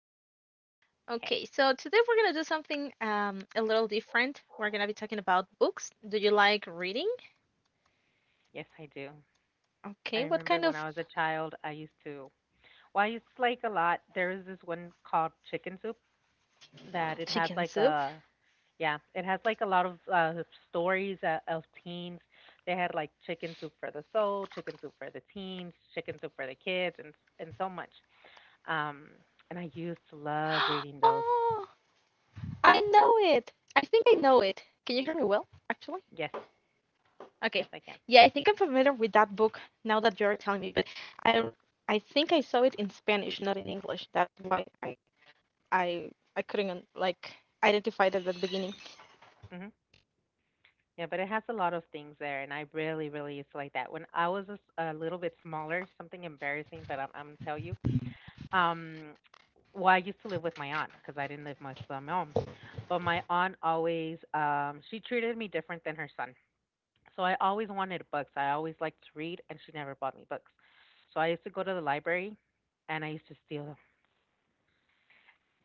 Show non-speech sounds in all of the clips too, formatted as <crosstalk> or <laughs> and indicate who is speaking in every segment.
Speaker 1: can.
Speaker 2: Okay.
Speaker 1: Okay, so today we're going to do something a little different. We're going to be talking about books. Do you like reading?
Speaker 2: Yes, I do. I
Speaker 1: Okay, what
Speaker 2: remember
Speaker 1: kind
Speaker 2: when
Speaker 1: of
Speaker 2: I was a child, I used to. Well, I used to like a lot. There is this one called Chicken Soup that it has
Speaker 1: chicken
Speaker 2: like
Speaker 1: soup?
Speaker 2: a, yeah, it has like a lot of stories of teens. They had like Chicken Soup for the soul, Chicken Soup for the teens, Chicken Soup for the kids, and so much. Um, and I used to love
Speaker 1: <gasps>
Speaker 2: reading those.
Speaker 1: Oh, I know it. I think I know it. Can you hear me well, actually?
Speaker 2: Yes,
Speaker 1: Okay.
Speaker 2: yes, I can.
Speaker 1: Yeah, I think I'm familiar with that book now that you're telling me, but I I think I saw it in Spanish, not in English. That's why I, I couldn't like identify it at the beginning.
Speaker 2: Mm-hmm. Yeah, but it has a lot of things there, and I really, really used to like that. When I was a little bit smaller, something embarrassing, but I'm tell you, um, well, I used to live with my aunt because I didn't live with my mom, but my aunt always, she treated me different than her son. So I always wanted books. I always liked to read, and she never bought me books. So I used to go to the library, and I used to steal them,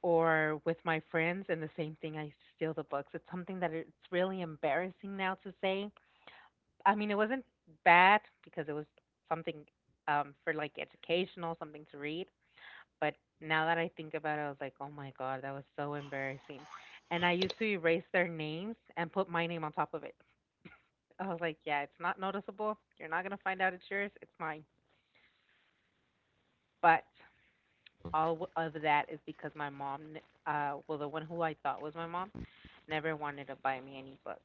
Speaker 2: or with my friends, and the same thing, I used to steal the books. It's something that it's really embarrassing now to say. I mean, it wasn't bad because it was something for like educational, something to read. But now that I think about it, I was like, oh my God, that was so embarrassing. And I used to erase their names and put my name on top of it. I was like, yeah, it's not noticeable. You're not gonna find out it's yours. It's mine. But all of that is because my mom, well, the one who I thought was my mom, never wanted to buy me any books.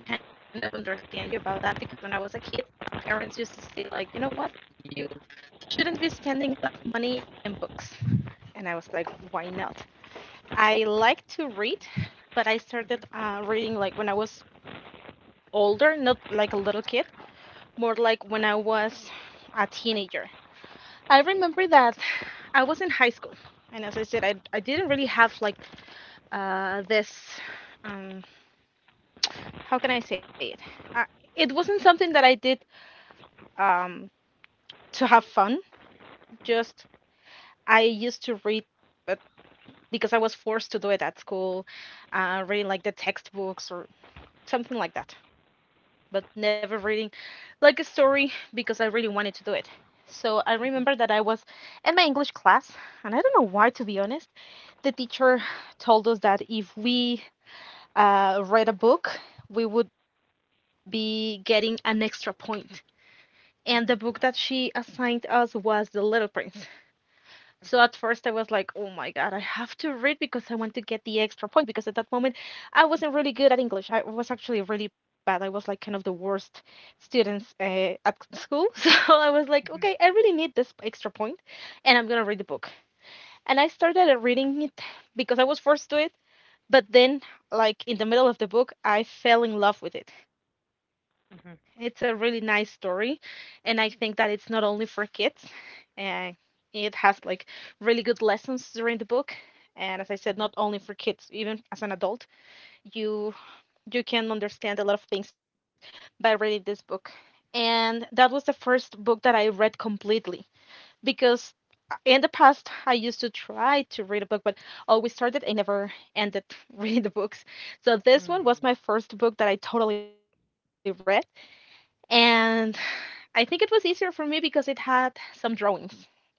Speaker 1: I can kind of understand you about that because when I was a kid, my parents used to say like, you know what, you shouldn't be spending that money in books, and I was like, why not? I like to read, but I started reading like when I was older, not like a little kid, more like when I was a teenager. I remember that I was in high school, and as I said, I didn't really have like this. Um, how can I say it? Uh, it wasn't something that I did um, to have fun. Just I used to read, but because I was forced to do it at school, reading like the textbooks or something like that, but never reading like a story because I really wanted to do it. So I remember that I was in my English class, and I don't know why, to be honest. The teacher told us that if we read a book, we would be getting an extra point. And the book that she assigned us was The Little Prince. So at first I was like, oh my God, I have to read because I want to get the extra point. Because at that moment I wasn't really good at English. I was actually really bad. I was like kind of the worst students at school. <laughs> So I was like, okay, I really need this extra point and I'm gonna read the book. And I started reading it because I was forced to it. But then, like in the middle of the book, I fell in love with it. It's a
Speaker 2: Mhm.
Speaker 1: really nice story, and I think that it's not only for kids. And it has like really good lessons during the book. And as I said, not only for
Speaker 2: Mhm.
Speaker 1: kids, even as an adult, you you can understand a lot of things by reading this book. And that was the first book that I read completely because in the past I used to try to read a book, but always started and never ended <laughs> reading the books. So this one
Speaker 2: Mhm.
Speaker 1: was my first book that I totally read, and I think it was easier for me because it had some drawings, and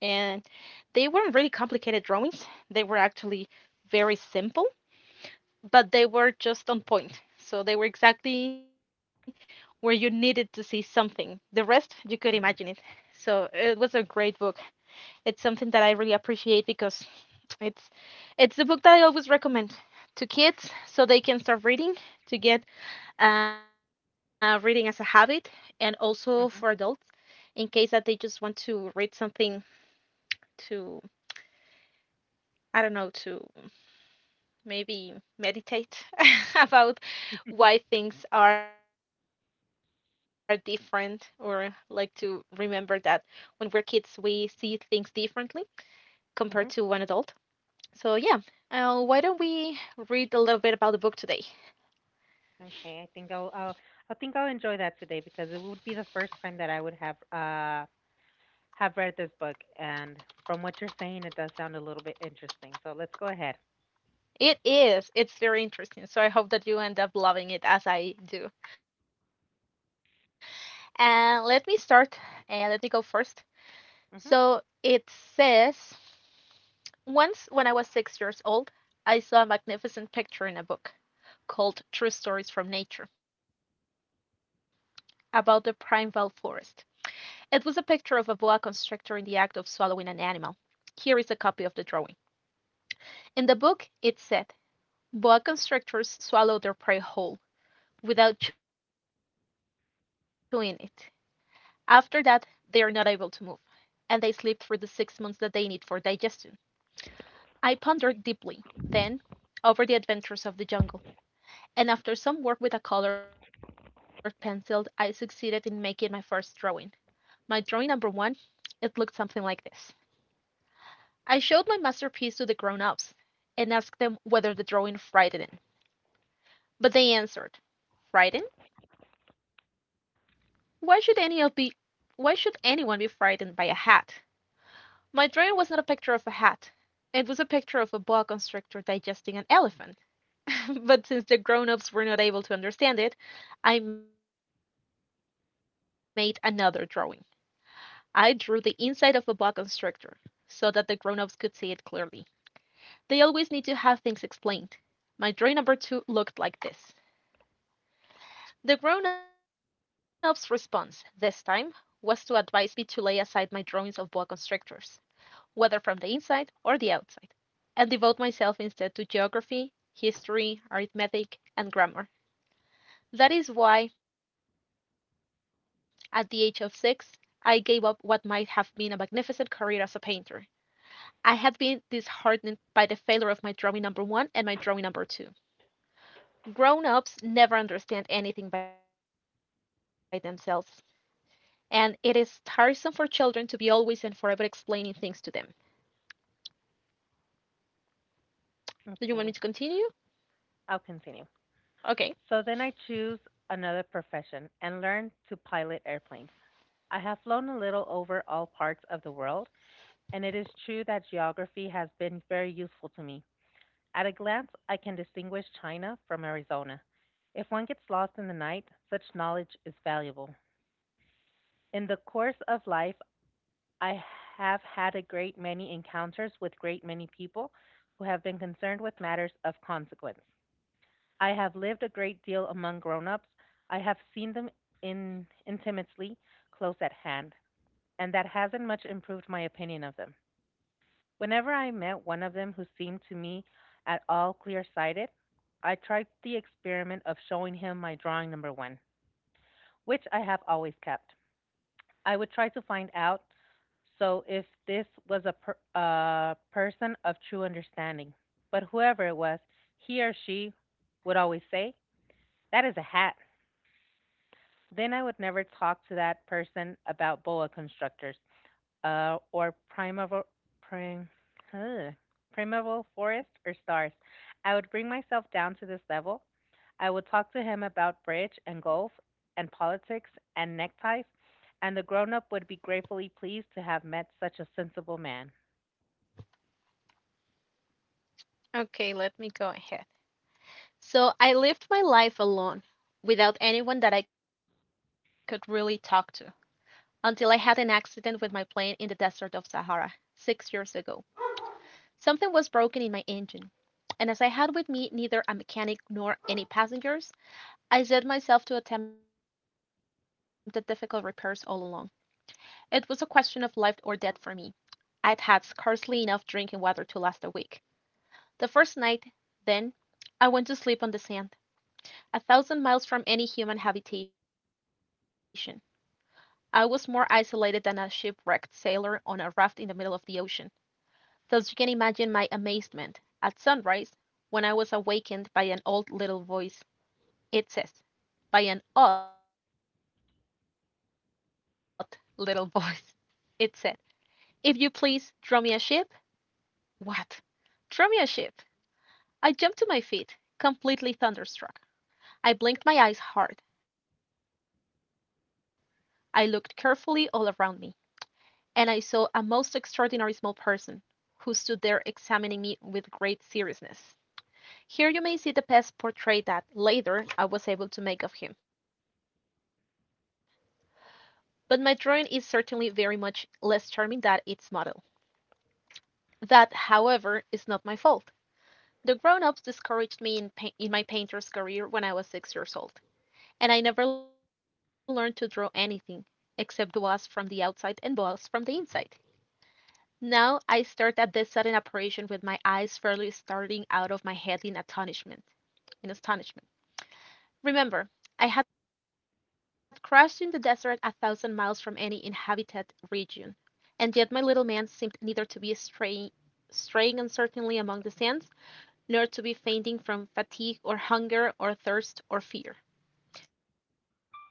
Speaker 1: they weren't really complicated drawings. They were actually very simple, but they were just on point. So they were exactly where you needed to see something. The rest you could imagine it.
Speaker 2: Mhm.
Speaker 1: So it was a great book. It's something that I really appreciate because it's it's the book that I always recommend to kids so they can start reading to get reading as a habit and also for adults
Speaker 2: Mhm.
Speaker 1: in case that they just want to read something to, I don't know, to maybe meditate <laughs> about why things are different or like to remember that when we're kids we see things differently compared to an
Speaker 2: Mhm.
Speaker 1: adult. So yeah, why don't we read a little bit about the book today?
Speaker 2: Okay, I think I'll enjoy that today because it would be the first time that I would have read this book, and from what you're saying, it does sound a little bit interesting. So let's go ahead.
Speaker 1: It is. It's very interesting. So I hope that you end up loving it as I do. And let me start. And let me go first. So it
Speaker 2: Mhm.
Speaker 1: says, once when I was 6 years old, I saw a magnificent picture in a book called True Stories from Nature about the primeval forest. It was a picture of a boa constrictor in the act of swallowing an animal. Here is a copy of the drawing. In the book, it said, Boa constrictors swallow their prey whole, without chewing it. After that they are not able to move, and they sleep through the 6 months that they need for digestion. I pondered deeply, then, over the adventures of the jungle, and after some work with a colored pencil I succeeded in making my first drawing. My drawing number one, it looked something like this. I showed my masterpiece to the grown ups, and asked them whether the drawing frightened them. But they answered, "Frightened? Why should any of be why should anyone be frightened by a hat? My drawing was not a picture of a hat. It was a picture of a boa constrictor digesting an elephant. <laughs> But since the grown-ups were not able to understand it, I made another drawing. I drew the inside of a boa constrictor so that the grown-ups could see it clearly. They always need to have things explained. My drawing number 2 looked like this. The grown-ups' response this time was to advise me to lay aside my drawings of boa constrictors, whether from the inside or the outside, and devote myself instead to geography, history, arithmetic, and grammar. That is why, at the age of six, I gave up what might have been a magnificent career as a painter. I had been disheartened by the failure of my drawing number one and my drawing number two. Grown ups never understand anything by themselves, and it is tiresome for children to be always and forever explaining things to them. Do you want me
Speaker 2: Okay,
Speaker 1: to continue?
Speaker 2: I'll continue.
Speaker 1: Okay.
Speaker 2: So then I choose another profession and learn to pilot airplanes. I have flown a little over all parts of the world, and it is true that geography has been very useful to me. At a glance, I can distinguish China from Arizona. If one gets lost in the night, such knowledge is valuable. In the course of life, I have had a great many encounters with great many people who have been concerned with matters of consequence. I have lived a great deal among grown-ups. I have seen them in intimately close at hand, and that hasn't much improved my opinion of them. Whenever I met one of them who seemed to me at all clear sighted, I tried the experiment of showing him my drawing number one, which I have always kept. I would try to find out so if this was a person of true understanding. But whoever it was, he or she would always say, that is a hat. Then I would never talk to that person about boa constructors or prim, huh, primeval forest or stars. I would bring myself down to this level. I would talk to him about bridge and golf and politics and neckties, and the grown up would be gratefully pleased to have met such a sensible man.
Speaker 1: Okay, let me go ahead. So I lived my life alone, without anyone that I could really talk to, until I had an accident with my plane in the desert of Sahara, 6 years ago. Something was broken in my engine, and as I had with me neither a mechanic nor any passengers, I set myself to attempt the difficult repairs all alone. It was a question of life or death for me. I'd had scarcely enough drinking water to last a week. The first night, then, I went to sleep on the sand, a 1,000 miles from any human habitation. I was more isolated than a shipwrecked sailor on a raft in the middle of the ocean. Thus you can imagine my amazement, at sunrise, when I was awakened by an odd little voice. It said By an odd little <laughs> voice. It said, "If you please, draw me a ship." What! Draw me a ship! I jumped to my feet, completely thunderstruck. I blinked my eyes hard. I looked carefully all around me, and I saw a most extraordinary small person who stood there examining me with great seriousness. Here you may see the best portrait that, later, I was able to make of him, but my drawing is certainly very much less charming than its model. That, however, is not my fault. The grown ups discouraged me in my painter's career when I was 6 years old, and I never learned to draw anything except boas from the outside and boas from the inside. Now I start at this sudden apparition with my eyes fairly starting out of my head in astonishment. in astonishment. Remember, I had crashed in the desert a 1,000 miles from any inhabited region, and yet my little man seemed neither to be straying uncertainly among the sands, nor to be fainting from fatigue or hunger or thirst or fear.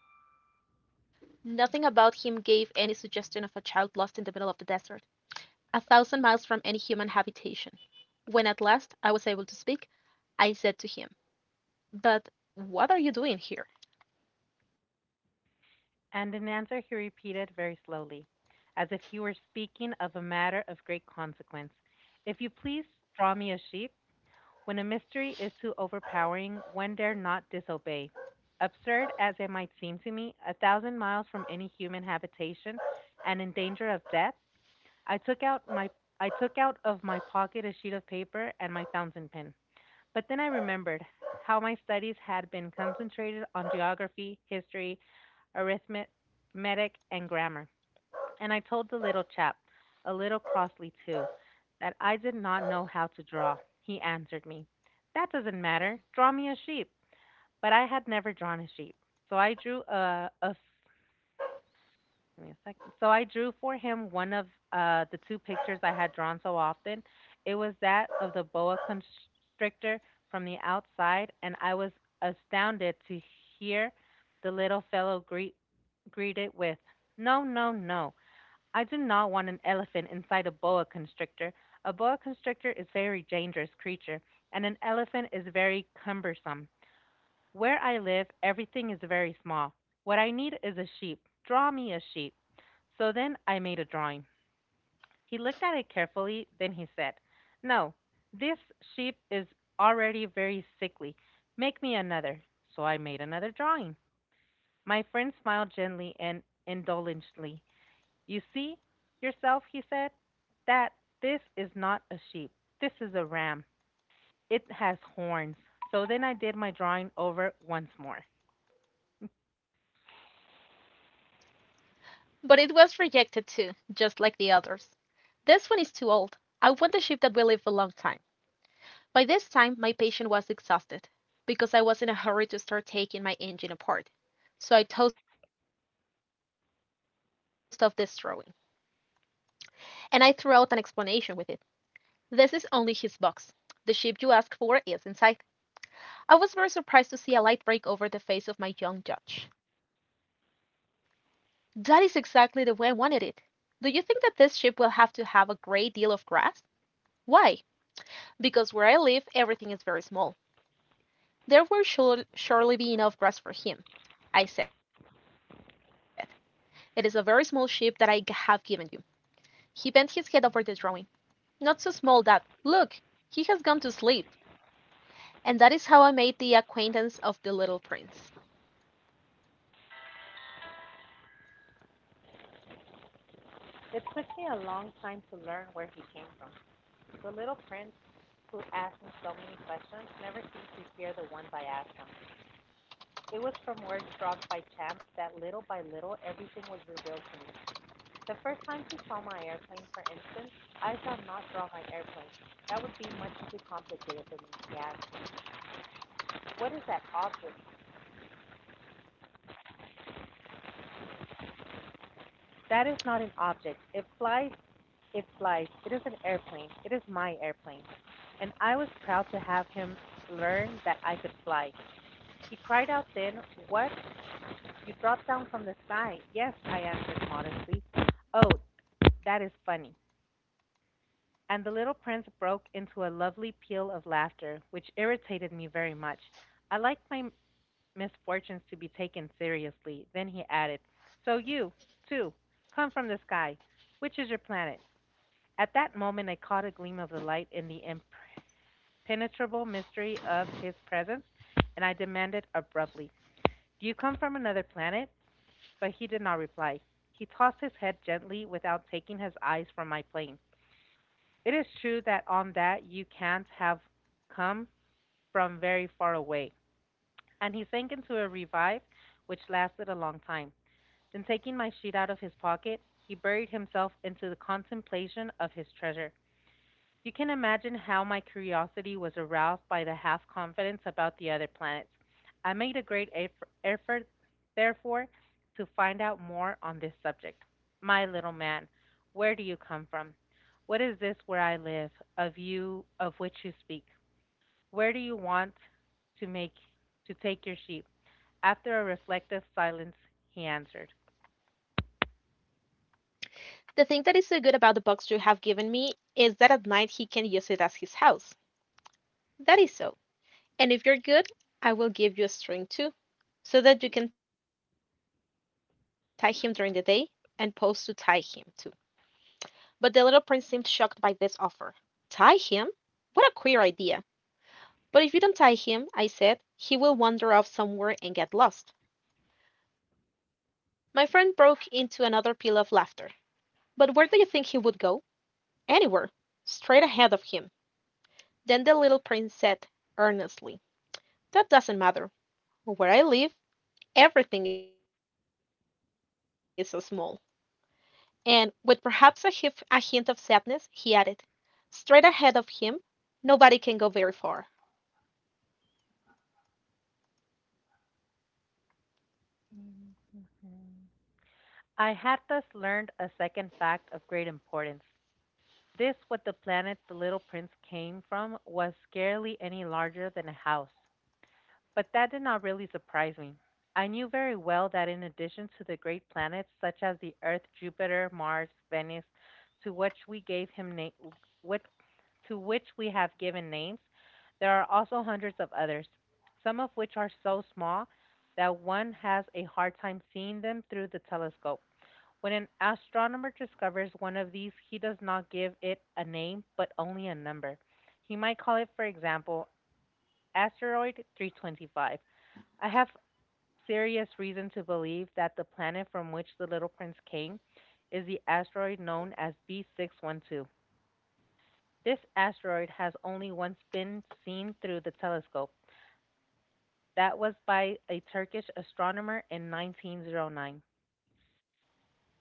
Speaker 1: Nothing about him gave any suggestion of a child lost in the middle of the desert, a thousand miles from any human habitation. When at last I was able to speak, I said to him: "But what are you doing here?
Speaker 2: And in answer, he repeated very slowly, as if he were speaking of a matter of great consequence, if you please, draw me a sheep. When a mystery is too overpowering, one dare not disobey. Absurd as it might seem to me, 1,000 miles from any human habitation and in danger of death, I took out my I took out of my pocket a sheet of paper and my fountain pen. But then I remembered how my studies had been concentrated on geography, history, arithmetic, and grammar. And I told the little chap, a little crossly too, that I did not know how to draw. He answered me, that doesn't matter. Draw me a sheep. But I had never drawn a sheep. So I drew a give me a second. So I drew for him one of the two pictures I had drawn so often. It was that of the boa constrictor from the outside, and I was astounded to hear the little fellow greet it with, no, no, no. I do not want an elephant inside a boa constrictor. A boa constrictor is a very dangerous creature, and an elephant is very cumbersome. Where I live, everything is very small. What I need is a sheep. Draw me a sheep. So then I made a drawing. He looked at it carefully, then he said, no, this sheep is already very sickly. Make me another. So I made another drawing. My friend smiled gently and indulgently. You see yourself, he said, that this is not a sheep. This is a ram. It has horns. So then I did my drawing over once more.
Speaker 1: But it was rejected too, just like the others. This one is too old. I want a ship that will live a long time. By this time my patience was exhausted, because I was in a hurry to start taking my engine apart, so I tossed off this drawing, and I threw out an explanation with it. "This is only his box. The ship you asked for is inside." I was very surprised to see a light break over the face of my young judge. "That is exactly the way I wanted it. Do you think that this ship will have to have a great deal of grass?" "Why?" "Because where I live everything is very small." "There will surely be enough grass for him," I said. "It is a very small sheep that I have given you." He bent his head over the drawing. "Not so small that look! He has gone to sleep." And that is how I made the acquaintance of the little Prince.
Speaker 2: It took me a long time to learn where he came from. The little prince, who asked him so many questions, never seemed to hear the ones I asked him. It was from words dropped by chance that little by little everything was revealed to me. The first time he saw my airplane, for instance, I shall not draw my airplane. That would be much too complicated for me, he asked. What is that object? That is not an object. It flies, it flies. It is an airplane. It is my airplane. And I was proud to have him learn that I could fly. He cried out then, "What! You dropped down from the sky?" "Yes," I answered modestly. "Oh, that is funny!" And the little Prince broke into a lovely peal of laughter, which irritated me very much. I liked my misfortunes to be taken seriously. Then he added: "So you, too, come from the sky. Which is your planet?" At that moment I caught a gleam of the light in the impenetrable mystery of his presence, and I demanded abruptly: "Do you come from another planet?" But he did not reply. He tossed his head gently without taking his eyes from my plane. It is true that on that you can't have come from very far away. And he sank into a revive which lasted a long time. Then taking my sheet out of his pocket, he buried himself into the contemplation of his treasure. You can imagine how my curiosity was aroused by the half confidence about the other planets. I made a great effort, therefore, to find out more on this subject. My little man, where do you come from? What is this where I live, of you of which you speak? Where do you want to make to take your sheep? After a reflective silence, he answered.
Speaker 1: The thing that is so good about the box you have given me is that at night he can use it as his house. That is so. And if you are good I will give you a string too, so that you can tie him during the day, and posts to tie him to. But the little prince seemed shocked by this offer. "Tie him? What a queer idea! But if you don't tie him," I said, "he will wander off somewhere and get lost." My friend broke into another peal of laughter. "But where do you think he would go?" "Anywhere straight ahead of him." Then the little prince said, earnestly: "That doesn't matter. Where I live, everything is so small." And, with perhaps a hint of sadness, he added: "Straight ahead of him nobody can go very far.
Speaker 2: I had thus learned a second fact of great importance. This, what the planet the little prince came from, was scarcely any larger than a house. But that did not really surprise me. I knew very well that in addition to the great planets such as the Earth, Jupiter, Mars, Venus, to which we gave him na- what, to which we have given names, there are also hundreds of others, some of which are so small that one has a hard time seeing them through the telescope. When an astronomer discovers one of these, he does not give it a name, but only a number. He might call it, for example, asteroid 325. I have serious reason to believe that the planet from which the Little Prince came is the asteroid known as B612. This asteroid has only once been seen through the telescope. That was by a Turkish astronomer in 1909.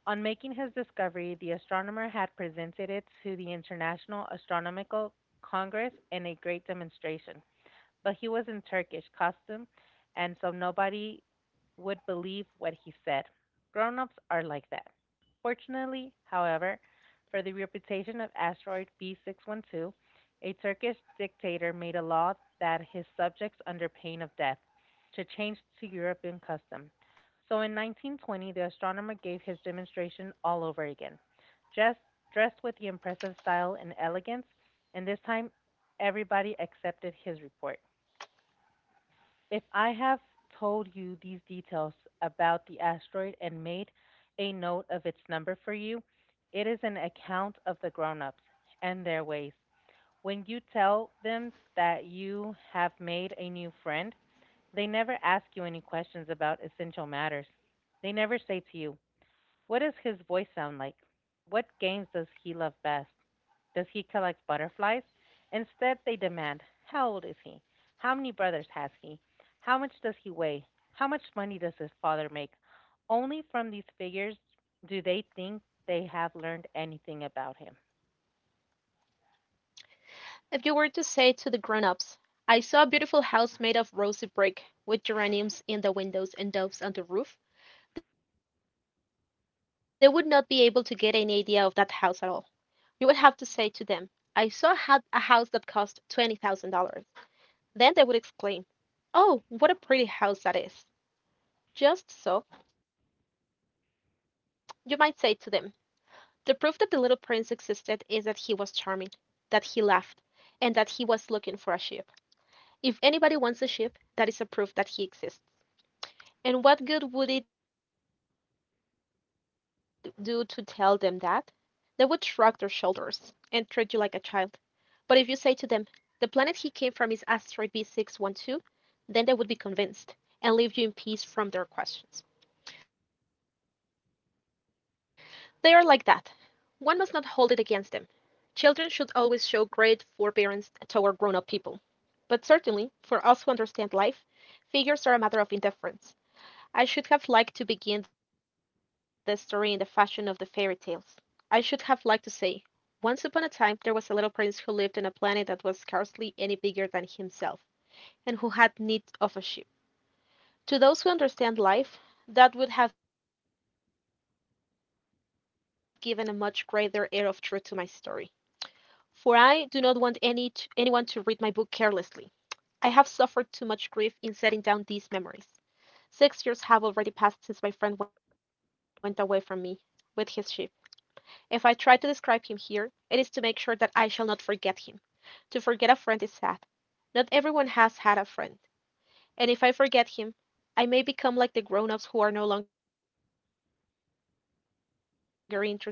Speaker 2: On making his discovery, the astronomer had presented it to the International Astronomical Congress in a great demonstration, but he was in Turkish costume, and so nobody would believe what he said. Grown ups are like that. Fortunately, however, for the reputation of asteroid B612, a Turkish dictator made a law that his subjects, under pain of death, should change to European custom. So in 1920, the astronomer gave his demonstration all over again, just dressed with the impressive style and elegance, and this time everybody accepted his report. If I have told you these details about the asteroid and made a note of its number for you, it is an account of the grown-ups and their ways. When you tell them that you have made a new friend, they never ask you any questions about essential matters. They never say to you, what does his voice sound like? What games does he love best? Does he collect butterflies? Instead, they demand, how old is he? How many brothers has he? How much does he weigh? How much money does his father make? Only from these figures do they think they have learned anything about him.
Speaker 1: If you were to say to the grown-ups, "I saw a beautiful house made of rosy brick, with geraniums in the windows and doves on the roof," they would not be able to get any idea of that house at all. You would have to say to them, "I saw a house that cost $20,000." Then they would exclaim, "Oh, what a pretty house that is!" Just so, you might say to them, "The proof that the little prince existed is that he was charming, that he laughed, and that he was looking for a shoe. If anybody wants a ship, that is a proof that he exists. And what good would it do to tell them that? They would shrug their shoulders and treat you like a child. But if you say to them, the planet he came from is asteroid B612, then they would be convinced and leave you in peace from their questions. They are like that. One must not hold it against them. Children should always show great forbearance toward grown up people. But certainly, for us who understand life, figures are a matter of indifference. I should have liked to begin the story in the fashion of the fairy tales. I should have liked to say, "Once upon a time there was a little prince who lived on a planet that was scarcely any bigger than himself, and who had need of a ship." To those who understand life, that would have given a much greater air of truth to my story, for I do not want anyone to read my book carelessly. I have suffered too much grief in setting down these memories. 6 years have already passed since my friend went away from me with his ship. If I try to describe him here, it is to make sure that I shall not forget him. To forget a friend is sad. Not everyone has had a friend, and if I forget him, I may become like the grown ups who are no longer interested in anything but figures.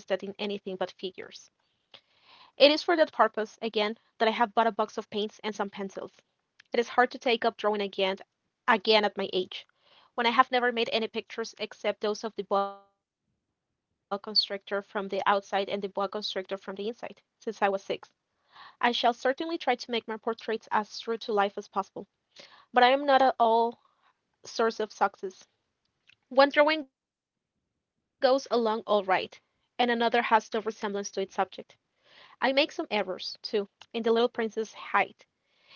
Speaker 1: It is for that purpose, again, that I have bought a box of paints and some pencils. It is hard to take up drawing again at my age, when I have never made any pictures except those of the boa constrictor from the outside and the boa constrictor from the inside, since I was six. I shall certainly try to make my portraits as true to life as possible, but I am not at all source of success. One drawing goes along all right, and another has no resemblance to its subject. I make some errors, too, in the little prince's height.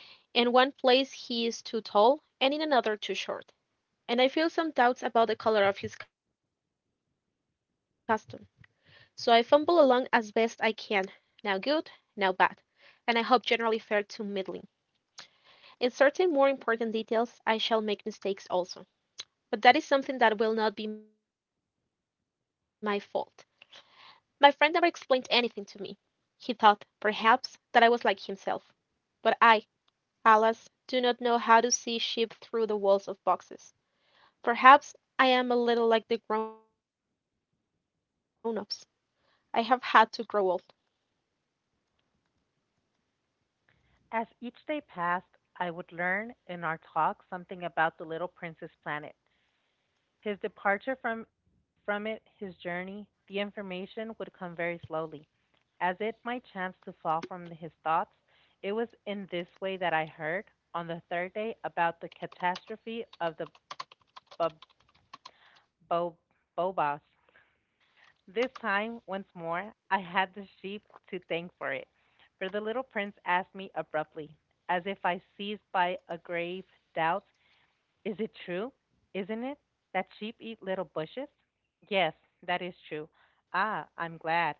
Speaker 1: In one place he is too tall, and in another too short, and I feel some doubts about the color of his costume. So I fumble along as best I can, now good, now bad, and I hope generally fair to middling. In certain more important details, I shall make mistakes also, but that is something that will not be my fault. My friend never explained anything to me. He thought, perhaps, that I was like himself, but I, alas, do not know how to see sheep through the walls of boxes. Perhaps I am a little like the grown ups. I have had to grow old.
Speaker 2: As each day passed, I would learn in our talk something about the little prince's planet. His departure from it, his journey, the information would come very slowly, as it might chance to fall from his thoughts. It was in this way that I heard, on the third day, about the catastrophe of the Bo- Bo- Bobos. This time, once more, I had the sheep to thank for it, for the little prince asked me abruptly, as if I seized by a grave doubt, is it true, isn't it, that sheep eat little bushes? Yes, that is true. Ah, I'm glad.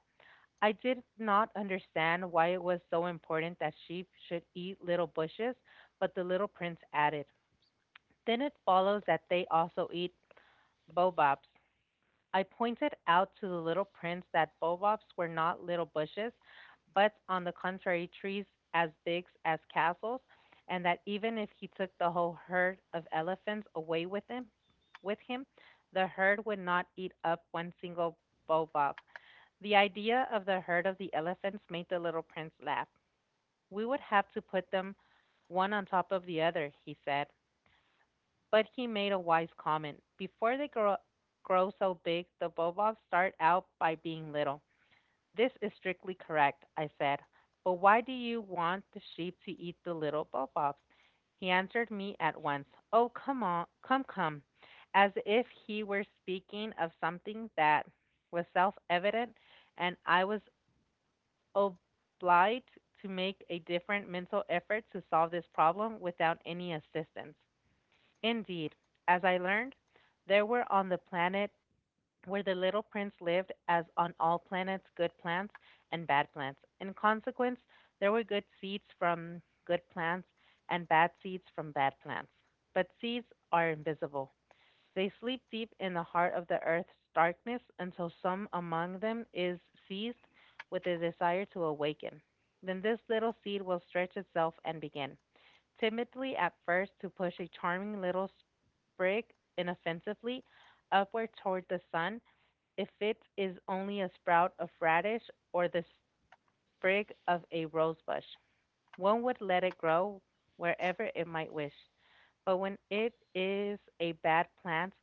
Speaker 2: I did not understand why it was so important that sheep should eat little bushes, but the little prince added, then it follows that they also eat baobabs. I pointed out to the little prince that baobabs were not little bushes, but on the contrary, trees as big as castles, and that even if he took the whole herd of elephants away with him, the herd would not eat up one single baobab. The idea of the herd of the elephants made the little prince laugh. We would have to put them one on top of the other, he said, but he made a wise comment. Before they grow so big, the bobobs start out by being little. This is strictly correct, I said. But why do you want the sheep to eat the little bobobs? He answered me at once. Oh, come on, come, come. As if he were speaking of something that was self evident, and I was obliged to make a different mental effort to solve this problem without any assistance. Indeed, as I learned, there were on the planet where the little prince lived, as on all planets, good plants and bad plants. In consequence, there were good seeds from good plants and bad seeds from bad plants. But seeds are invisible. They sleep deep in the heart of the earth's darkness until some among them is seized with a desire to awaken. Then this little seed will stretch itself and begin, timidly at first, to push a charming little sprig, inoffensively upward toward the sun if it is only a sprout of radish or the sprig of a rosebush. One would let it grow wherever it might wish, but when it is a bad plant,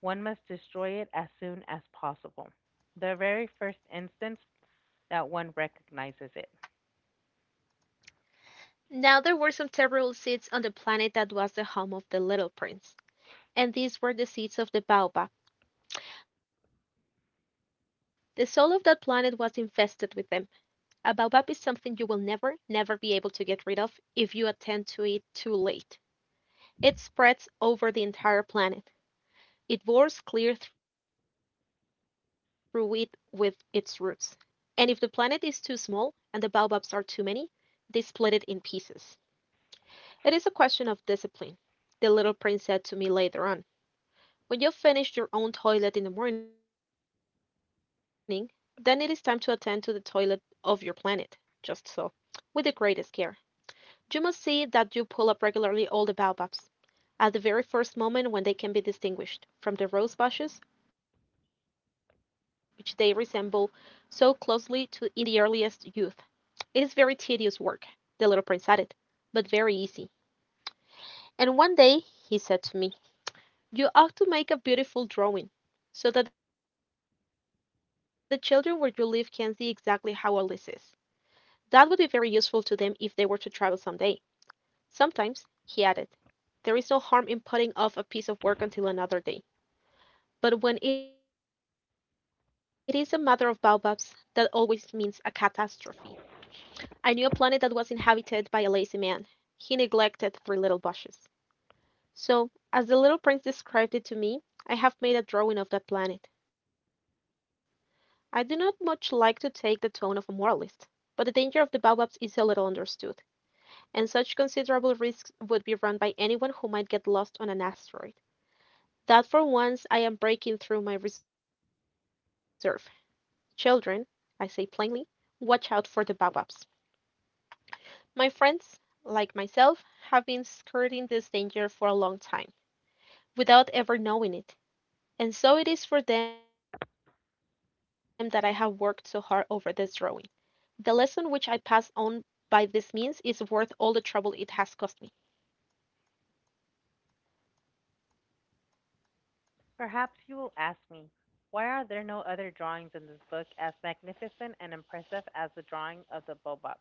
Speaker 2: one must destroy it as soon as possible, the very first instance that one recognizes it.
Speaker 1: Now there were some terrible seeds on the planet that was the home of the little prince, and these were the seeds of the baobab. The soul of that planet was infested with them. A baobab is something you will never, never be able to get rid of if you attend to it too late. It spreads over the entire planet. It bores clear through it with its roots. And if the planet is too small and the baobabs are too many, they split it in pieces. It is a question of discipline, the little prince said to me later on. When you've finished your own toilet in the morning, then it is time to attend to the toilet of your planet. Just so. With the greatest care. You must see that you pull up regularly all the baobabs, at the very first moment when they can be distinguished, from the rose bushes which they resemble so closely to in the earliest youth. It is very tedious work," the little prince added, "but very easy." "And one day," he said to me, "you ought to make a beautiful drawing, so that the children where you live can see exactly how all this is. That would be very useful to them if they were to travel some day. Sometimes," he added. There is no harm in putting off a piece of work until another day. But when it is a matter of baobabs, that always means a catastrophe. I knew a planet that was inhabited by a lazy man. He neglected three little bushes. So, as the little prince described it to me, I have made a drawing of that planet. I do not much like to take the tone of a moralist, but the danger of the baobabs is so little understood, and such considerable risks would be run by anyone who might get lost on an asteroid, that for once I am breaking through my reserve. Children, I say plainly, watch out for the baobabs. My friends, like myself, have been skirting this danger for a long time, without ever knowing it, and so it is for them that I have worked so hard over this drawing. The lesson which I pass on by this means is worth all the trouble it has cost me.
Speaker 2: Perhaps you will ask me, why are there no other drawings in this book as magnificent and impressive as the drawing of the baobabs?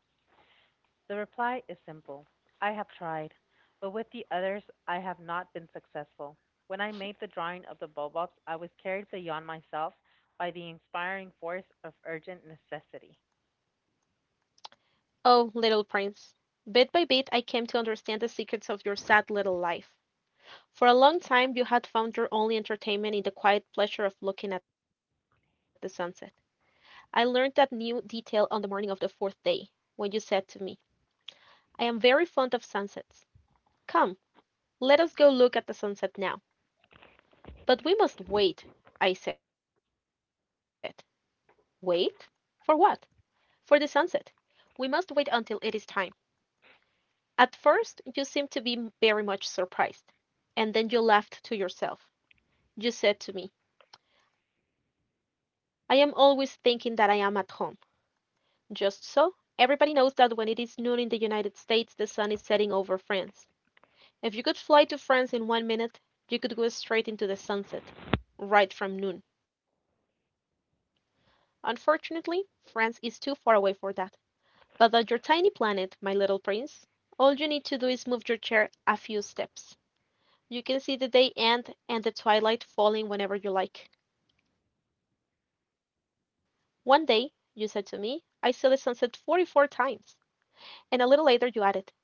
Speaker 2: The reply is simple. I have tried, but with the others I have not been successful. When I made the drawing of the bulbobs, I was carried beyond myself by the inspiring force of urgent necessity.
Speaker 1: Oh, little prince, bit by bit I came to understand the secrets of your sad little life. For a long time you had found your only entertainment in the quiet pleasure of looking at the sunset. I learned that new detail on the morning of the fourth day, when you said to me: "I am very fond of sunsets. Come, let us go look at the sunset now." "But we must wait," I said. "Wait? For what?" "For the sunset. We must wait until it is time." At first you seemed to be very much surprised, and then you laughed to yourself. You said to me: "I am always thinking that I am at home. Just so. Everybody knows that when it is noon in the United States the sun is setting over France. If you could fly to France in 1 minute, you could go straight into the sunset, right from noon. Unfortunately, France is too far away for that. But on your tiny planet, my little prince, all you need to do is move your chair a few steps. You can see the day end and the twilight falling whenever you like. One day, you said to me, I saw the sunset 44 times. And a little later you added,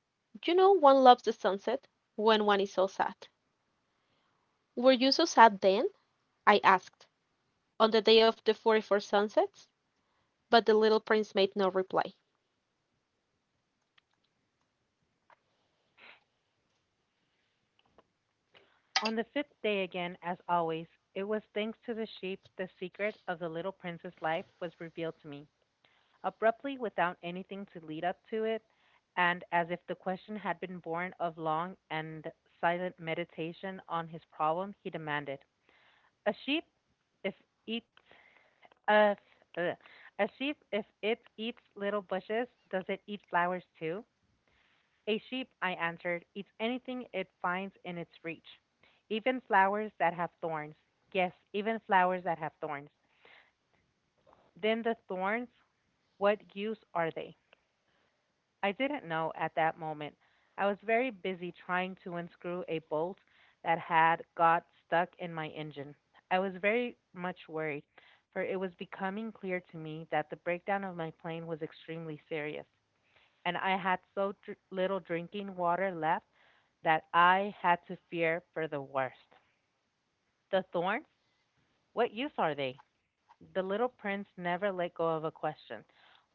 Speaker 1: You know one loves the sunset when one is so sad." "Were you so sad then," I asked, "on the day of the 44 sunsets?" But the little Prince made no reply.
Speaker 2: On the fifth day again, as always, it was thanks to the sheep the secret of the little prince's life was revealed to me. Abruptly, without anything to lead up to it, and as if the question had been born of long and silent meditation on his problem, he demanded, A sheep? If eats a ugh. A sheep if it eats little bushes, does it eat flowers too? A sheep, I answered, eats anything it finds in its reach, even flowers that have thorns. Yes, even flowers that have thorns. Then the thorns, what use are they? I didn't know at that moment. I was very busy trying to unscrew a bolt that had got stuck in my engine. I was very much worried, for it was becoming clear to me that the breakdown of my plane was extremely serious, and I had so little drinking water left that I had to fear for the worst. The thorns? What use are they? The little prince never let go of a question.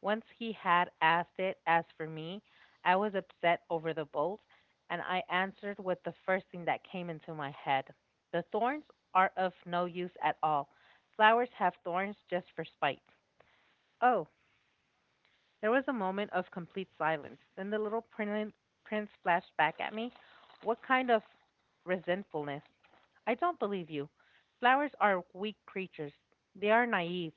Speaker 2: Once he had asked it, as for me, I was upset over the bolt, and I answered with the first thing that came into my head. The thorns are of no use at all. Flowers have thorns just for spite. Oh, there was a moment of complete silence. Then the little prince flashed back at me. What kind of resentfulness? I don't believe you. Flowers are weak creatures. They are naive.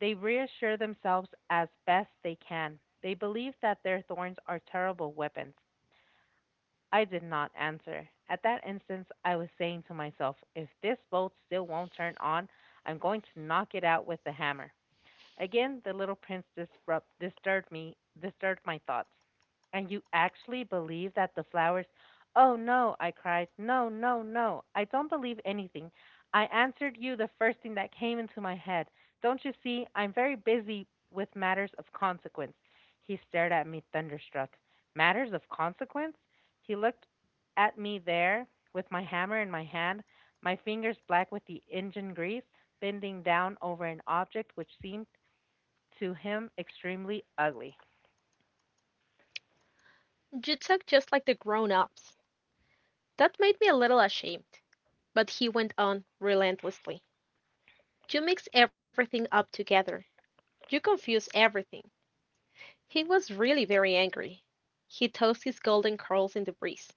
Speaker 2: They reassure themselves as best they can. They believe that their thorns are terrible weapons. I did not answer. At that instant, I was saying to myself, if this bolt still won't turn on, I'm going to knock it out with the hammer. Again, the little prince disturbed my thoughts. And you actually believe that the flowers? Oh no, I cried. No, no, no. I don't believe anything. I answered you the first thing that came into my head. Don't you see? I'm very busy with matters of consequence. He stared at me thunderstruck. Matters of consequence? He looked at me there with my hammer in my hand, my fingers black with the engine grease, bending down over an object which seemed to him extremely ugly.
Speaker 1: "You talk just like the grown ups." That made me a little ashamed, but he went on relentlessly: "You mix everything up together. You confuse everything." He was really very angry. He tossed his golden curls in the breeze.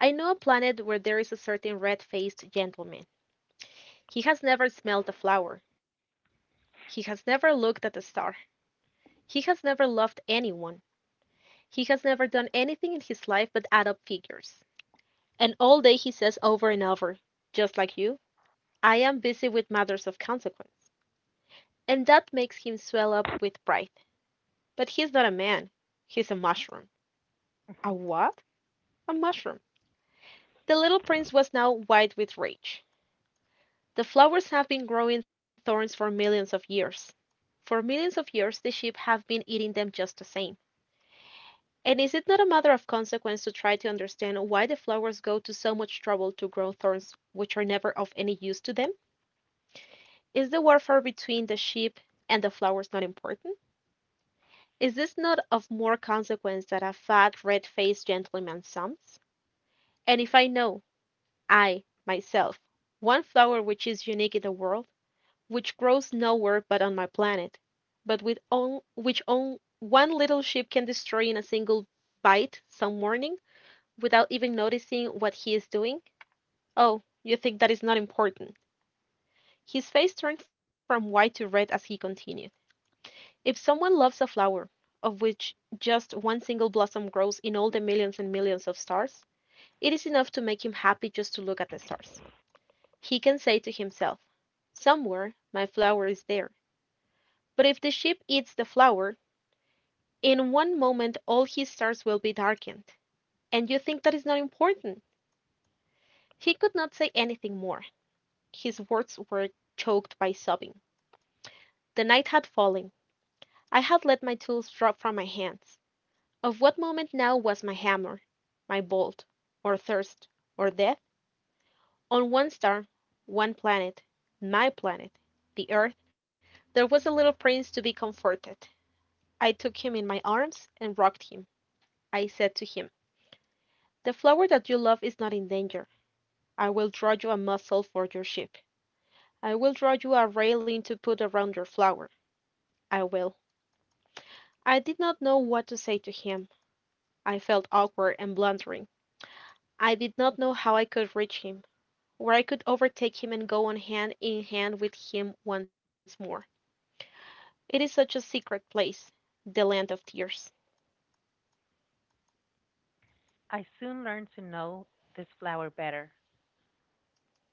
Speaker 1: "I know a planet where there is a certain red faced gentleman. He has never smelled a flower. He has never looked at a star. He has never loved anyone. He has never done anything in his life but add up figures. And all day he says over and over, just like you, 'I am busy with matters of consequence.' And that makes him swell up with pride. But he's not a man. He's a mushroom." "A what?" "A mushroom." The little prince was now white with rage. "The flowers have been growing thorns for millions of years. For millions of years the sheep have been eating them just the same. And is it not a matter of consequence to try to understand why the flowers go to so much trouble to grow thorns which are never of any use to them? Is the warfare between the sheep and the flowers not important? Is this not of more consequence than a fat, red faced gentleman sums? And if I know, I, myself, one flower which is unique in the world, which grows nowhere but on my planet, but with on, which on, one little sheep can destroy in a single bite some morning, without even noticing what he is doing? Oh, you think that is not important." His face turned from white to red as he continued: "If someone loves a flower, of which just one single blossom grows in all the millions and millions of stars, it is enough to make him happy just to look at the stars. He can say to himself, somewhere my flower is there.' But if the sheep eats the flower, in one moment all his stars will be darkened. And you think that is not important!" He could not say anything more. His words were choked by sobbing. The night had fallen. I had let my tools drop from my hands. Of what moment now was my hammer, my bolt, or thirst, or death? On one star, one planet, my planet, the earth, there was a little prince to be comforted. I took him in my arms and rocked him. I said to him: "The flower that you love is not in danger. I will draw you a muzzle for your ship. I will draw you a railing to put around your flower. I will. I did not know what to say to him. I felt awkward and blundering. I did not know how I could reach him, where I could overtake him and go on hand in hand with him once more. It is such a secret place, the Land of Tears.
Speaker 2: I soon learned to know this flower better.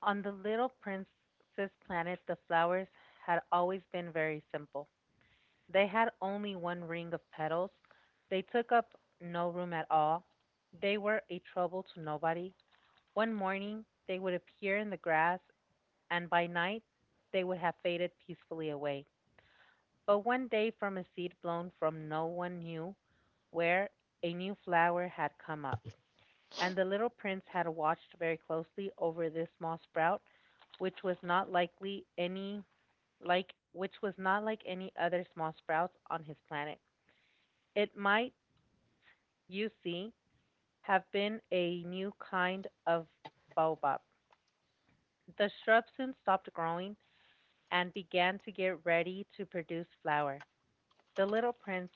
Speaker 2: On the little princess planet, the flowers had always been very simple. They had only one ring of petals. They took up no room at all. They were a trouble to nobody. One morning, they would appear in the grass, and by night, they would have faded peacefully away. But one day, from a seed blown from no one knew where, a new flower had come up. And the little prince had watched very closely over this small sprout, which was not likely any which was not like any other small sprouts on his planet. It might, you see, have been a new kind of baobab. The shrub soon stopped growing and began to get ready to produce flower. The little prince,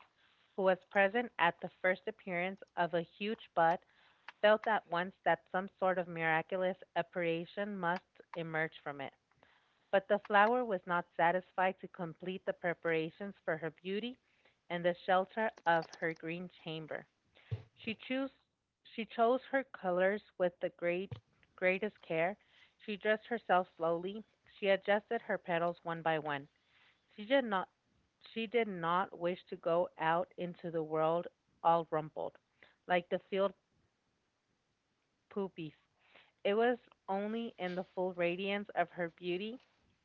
Speaker 2: who was present at the first appearance of a huge bud, felt at once that some sort of miraculous apparition must emerge from it. But the flower was not satisfied to complete the preparations for her beauty and the shelter of her green chamber. She chose she chose her colors with the greatest care. She dressed herself slowly. She adjusted her petals one by one. She did not she did not wish to go out into the world all rumpled, like the field poppies. It was only in the full radiance of her beauty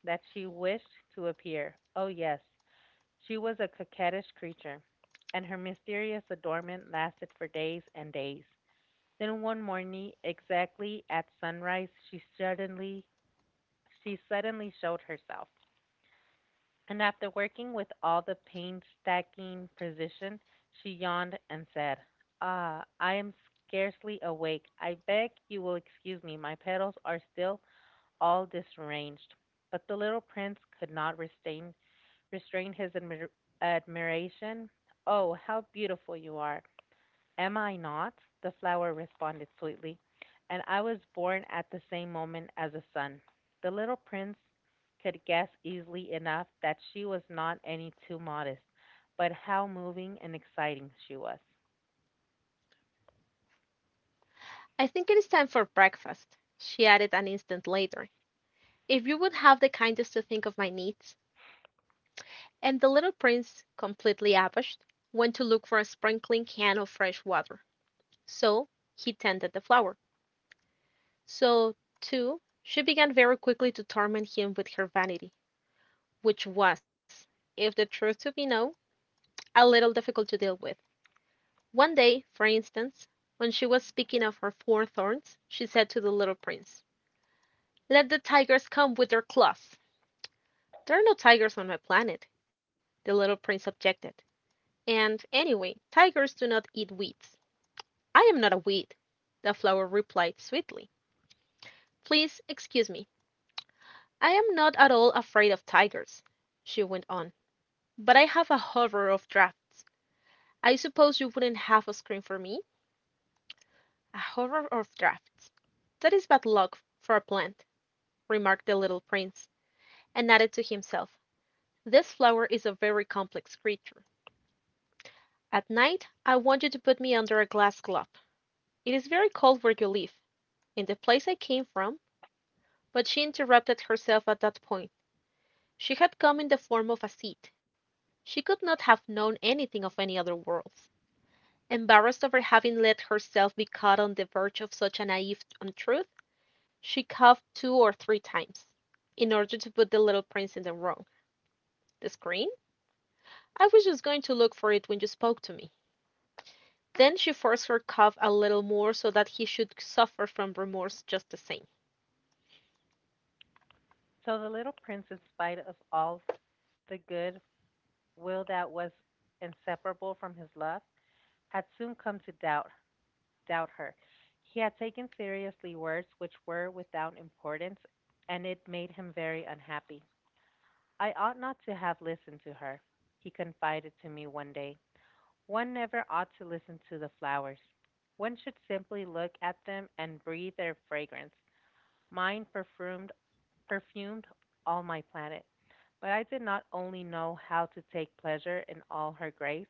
Speaker 2: that she wished to appear. Oh, yes, she was a coquettish creature, and her mysterious adornment lasted for days and days. Then one morning, exactly at sunrise, she suddenly showed herself. And after working with all the painstaking precision, she yawned and said, "Ah, I am scarcely awake. I beg you will excuse me. My petals are still all disarranged," but the little prince could not restrain his admiration. Oh, how beautiful you are! Am I not? The flower responded sweetly, and I was born at the same moment as a sun. The little prince could guess easily enough that she was not any too modest, but how moving and exciting she was.
Speaker 1: "I think it is time for breakfast," she added an instant later, "if you would have the kindness to think of my needs." And the little Prince, completely abashed, went to look for a sprinkling can of fresh water. So he tended the flowers. So, too, she began very quickly to torment him with her vanity, which was, if the truth to be known, a little difficult to deal with. One day, for instance, when she was speaking of her four thorns, she said to the little prince: "Let the tigers come with their claws." "There are no tigers on my planet," the little prince objected, "and, anyway, tigers do not eat weeds." "I am not a weed," the flower replied sweetly. "Please excuse me. I am not at all afraid of tigers," she went on. But I have a horror of drafts. I suppose you wouldn't have a screen for me? A horror of drafts. That is bad luck for a plant," remarked the little prince, and added to himself, "This flower is a very complex creature. At night I want you to put me under a glass globe. It is very cold where you live, in the place I came from. But she interrupted herself at that point. She had come in the form of a seed. She could not have known anything of any other world. Embarrassed over having let herself be caught on the verge of such a naive untruth, she coughed two or three times, in order to put the little prince in the wrong. "The screen? I was just going to look for it when you spoke to me." Then she forced her cough a little more so that he should suffer from remorse just the same.
Speaker 2: So the little prince, in spite of all the good will that was inseparable from his love, had soon come to doubt her. He had taken seriously words which were without importance, and it made him very unhappy. "I ought not to have listened to her," he confided to me one day. "One never ought to listen to the flowers. One should simply look at them and breathe their fragrance. Mine perfumed all my planet. But I did not only know how to take pleasure in all her grace.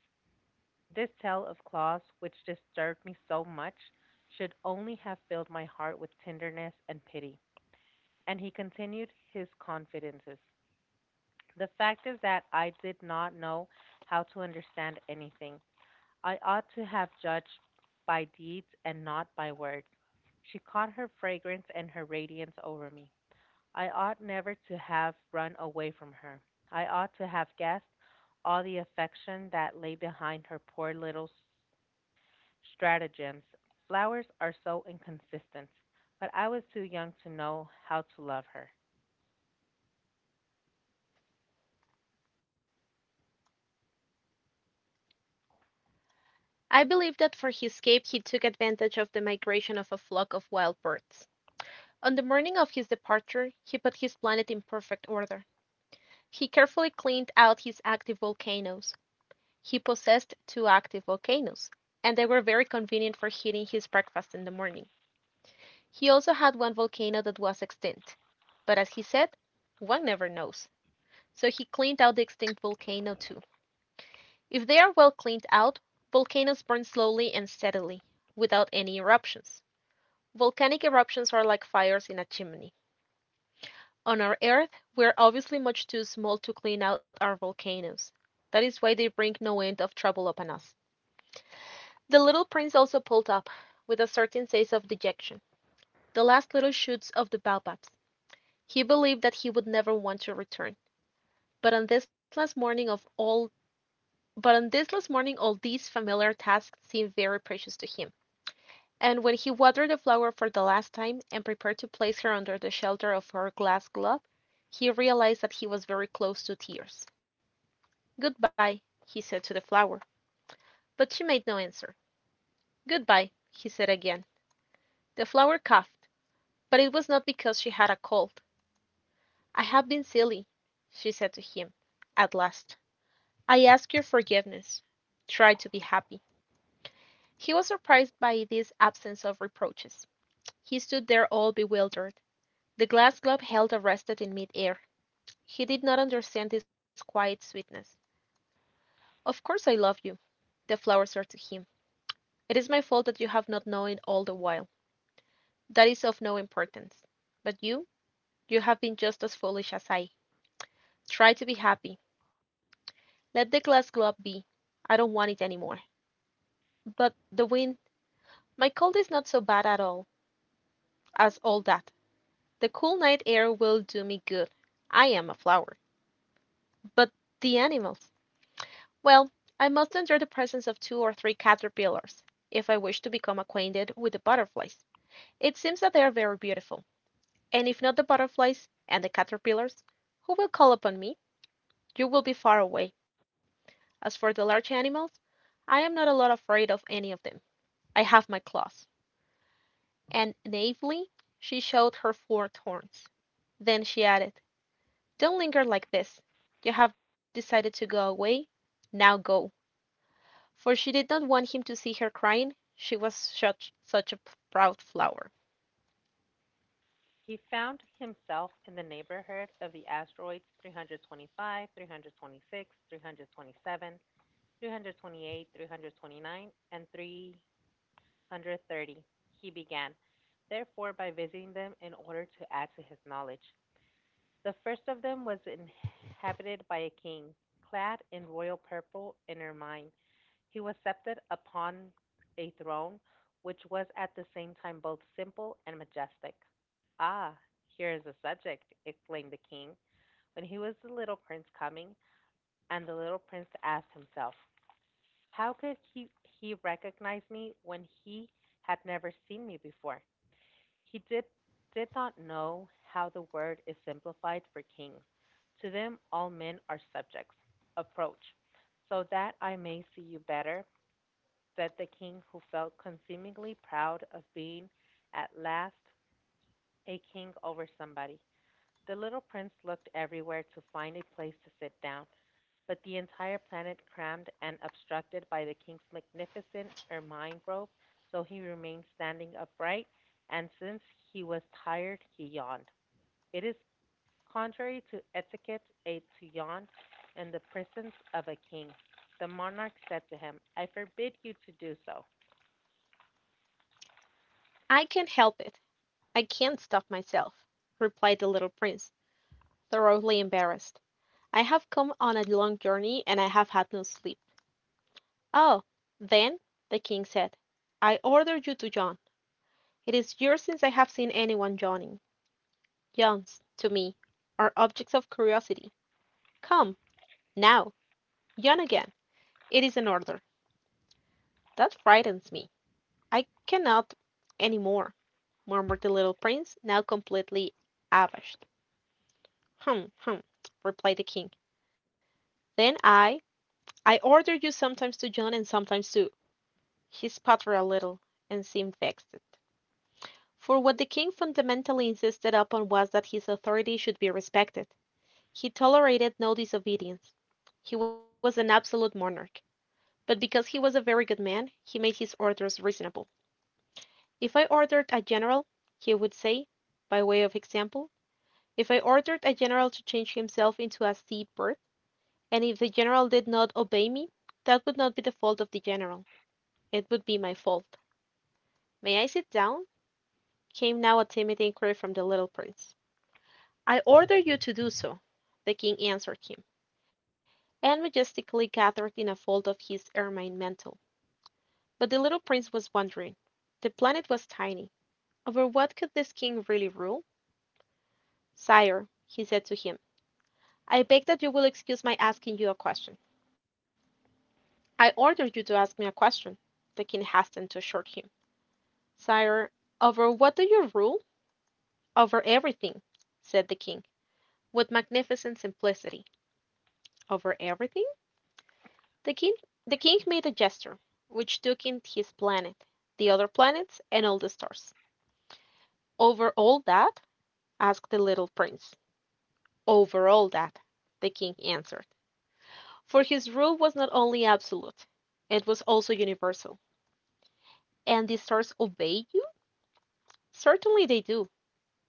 Speaker 2: This tale of Claus, which disturbed me so much, should only have filled my heart with tenderness and pity." And he continued his confidences. "The fact is that I did not know how to understand anything. I ought to have judged by deeds and not by words. She caught her fragrance and her radiance over me. I ought never to have run away from her. I ought to have guessed all the affection that lay behind her poor little stratagems. Flowers are so inconsistent, but I was too young to know how to love her."
Speaker 1: I believe that for his escape he took advantage of the migration of a flock of wild birds. On the morning of his departure he put his planet in perfect order. He carefully cleaned out his active volcanoes. He possessed two active volcanoes, and they were very convenient for heating his breakfast in the morning. He also had one volcano that was extinct, but as he said, one never knows, so he cleaned out the extinct volcano too. If they are well cleaned out, volcanoes burn slowly and steadily, without any eruptions. Volcanic eruptions are like fires in a chimney. On our earth we are obviously much too small to clean out our volcanoes, that is why they bring no end of trouble upon us. The little prince also pulled up, with a certain sense of dejection, the last little shoots of the baobabs. He believed that he would never want to return, but on this last morning of all but on this last morning, all these familiar tasks seemed very precious to him, and when he watered the flower for the last time, and prepared to place her under the shelter of her glass globe, he realised that he was very close to tears. Goodbye, he said to the flower, but she made no answer. Goodbye, he said again. The flower coughed. But it was not because she had a cold. "I have been silly," she said to him, at last. "I ask your forgiveness. Try to be happy." He was surprised by this absence of reproaches. He stood there all bewildered, the glass globe held arrested in mid air. He did not understand this quiet sweetness. "Of course I love you," the flower said to him. "It is my fault that you have not known it all the while. That is of no importance. But you have been just as foolish as I. Try to be happy. Let the glass globe be. I don't want it any more. But the wind my cold is not so bad at all as all that. The cool night air will do me good. I am a flower. But the animals! Well, I must endure the presence of two or three caterpillars if I wish to become acquainted with the butterflies. It seems that they are very beautiful, and if not the butterflies and the caterpillars, who will call upon me? You will be far away. As for the large animals, I am not a lot afraid of any of them. I have my claws. And naively she showed her four thorns. Then she added: "Don't linger like this. You have decided to go away, now go." For she did not want him to see her crying, she was such a proud flower.
Speaker 2: He found himself in the neighborhood of the asteroids 325, 326, 327, 328, 329, and 330. He began, therefore, by visiting them in order to add to his knowledge. The first of them was inhabited by a king, clad in royal purple and ermine. He was seated upon a throne, which was at the same time both simple and majestic. "Ah! Here is a subject!" exclaimed the king, when he was the little prince coming; and the little prince asked himself, "How could he recognize me when he had never seen me before?" He did not know how the word is simplified for kings; to them all men are subjects. "Approach, so that I may see you better!" said the king, who felt consumingly proud of being at last a king over somebody. The little prince looked everywhere to find a place to sit down, but the entire planet crammed and obstructed by the king's magnificent ermine robe, so he remained standing upright, and since he was tired, he yawned. It is contrary to etiquette a to yawn in the presence of a king. The monarch said to him, "I forbid you to do so.
Speaker 1: "I can't help it, I can't stop myself," replied the little Prince, thoroughly embarrassed. "I have come on a long journey and I have had no sleep." "Oh, then," the King said, "I order you to yawn. It is years since I have seen anyone yawning. Yawns, to me, are objects of curiosity. Come, now, yawn again. It is an order. That frightens me. I cannot any more," murmured the little prince, now completely abashed. "Hum, hum," replied the king. "Then I order you sometimes to yawn and sometimes to He sputtered a little, and seemed vexed. For what the king fundamentally insisted upon was that his authority should be respected. He tolerated no disobedience. He was an absolute monarch. But because he was a very good man, he made his orders reasonable. "If I ordered a general," he would say, by way of example, "if I ordered a general to change himself into a sea bird, and if the general did not obey me, that would not be the fault of the general; it would be my fault. May I sit down?" came now a timid inquiry from the little prince. "I order you to do so," the king answered him, and majestically gathered in a fold of his ermine mantle. But the little prince was wondering; the planet was tiny. "Over what could this king really rule?" "Sire," he said to him, "I beg that you will excuse my asking you a question." "I ordered you to ask me a question," the king hastened to assure him. "Sire over what do you rule?" "Over everything," said the king, with magnificent simplicity. "Over everything?" The king The king made a gesture, which took in his planet, the other planets, and all the stars. "Over all that?" asked the little prince. "Over all that," the king answered. For his rule was not only absolute, it was also universal. "And the stars obey you?" "Certainly they do,"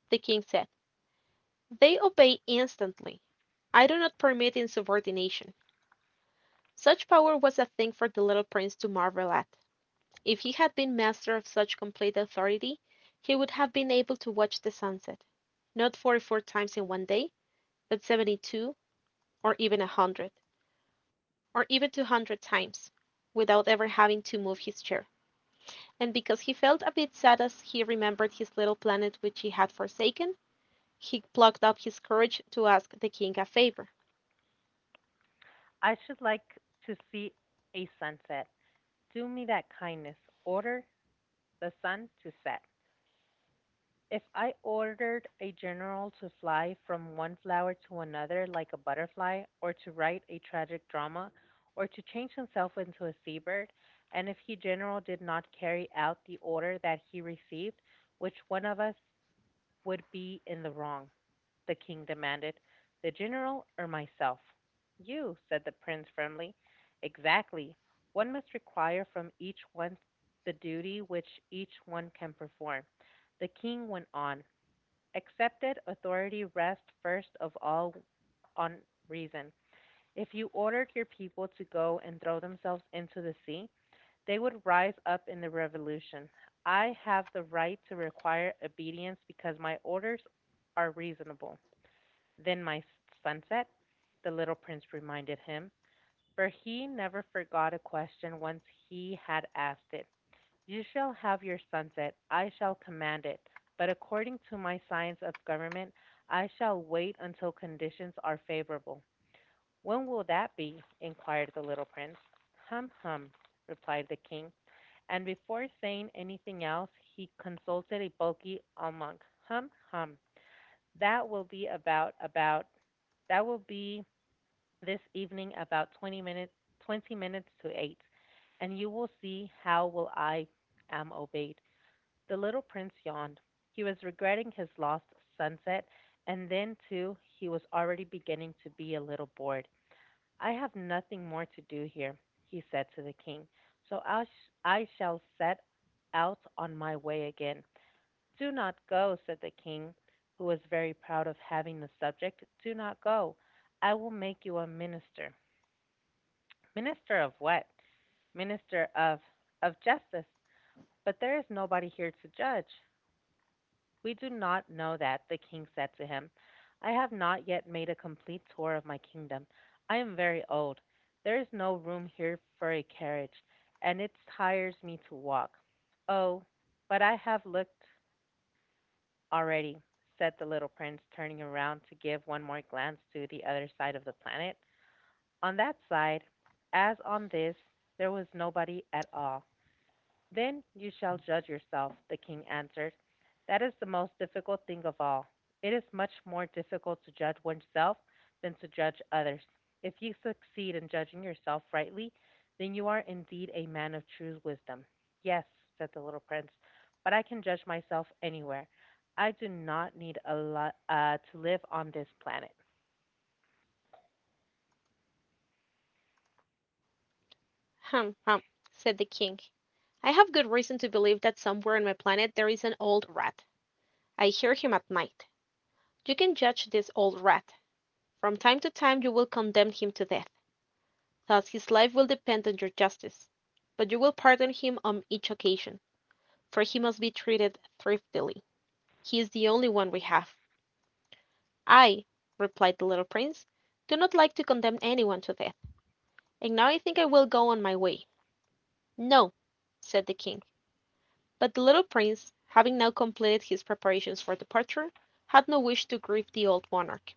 Speaker 1: the king said. "They obey instantly. I do not permit insubordination." Such power was a thing for the little prince to marvel at. If he had been master of such complete authority he would have been able to watch the sunset, not 44 times in one day, but 72, or even a hundred, or even 200 times, without ever having to move his chair. And because he felt a bit sad as he remembered his little planet which he had forsaken, he plucked up his courage to ask the king a favor.
Speaker 2: I should like to see a sunset. Do me that kindness. Order the sun to set. If I ordered a general to fly from one flower to another like a butterfly, or to write a tragic drama, or to change himself into a seabird, and if he general did not carry out the order that he received, which one of us would be in the wrong?" the king demanded. "The general or myself?" "You," said the prince firmly. "Exactly. One must require from each one the duty which each one can perform," the king went on. "Accepted authority rests first of all on reason. If you ordered your people to go and throw themselves into the sea, they would rise up in the revolution. I have the right to require obedience because my orders are reasonable." "Then my sunset," the little prince reminded him, for he never forgot a question once he had asked it. "You shall have your sunset, I shall command it, but according to my science of government, I shall wait until conditions are favorable." "When will that be?" inquired the little prince. "Hum, hum," replied the king, and before saying anything else, he consulted a bulky almanac. "Hum, hum, that will be about, about, that will be this evening about 20 minutes to 8, and you will see how will I am obeyed." The little prince yawned. He was regretting his lost sunset, and then too he was already beginning to be a little bored. "I have nothing more to do here," he said to the king. "I shall set out on my way again." "Do not go," said the king, who was very proud of having the subject. "Do not go. I will make you a minister." "Minister of what?" "Minister of justice." "But there is nobody here to judge." "We do not know that," the king said to him. "I have not yet made a complete tour of my kingdom. I am very old. There is no room here for a carriage, and it tires me to walk." "Oh, but I have looked already," said the little prince, turning around to give one more glance to the other side of the planet. On that side, as on this, there was nobody at all. "Then you shall judge yourself," the king answered. "That is the most difficult thing of all. It is much more difficult to judge oneself than to judge others. If you succeed in judging yourself rightly, then you are indeed a man of true wisdom." "Yes," said the little prince, "but I can judge myself anywhere. I do not need a lot to live on this planet."
Speaker 1: "Hum, hum," said the king, "I have good reason to believe that somewhere on my planet there is an old rat. I hear him at night. You can judge this old rat. From time to time you will condemn him to death, thus his life will depend on your justice; but you will pardon him on each occasion, for he must be treated thriftily. He is the only one we have. "I," replied the little Prince, "do not like to condemn anyone to death, and now I think I will go on my way." "No," said the King. But the little Prince, having now completed his preparations for departure, had no wish to grieve the old monarch.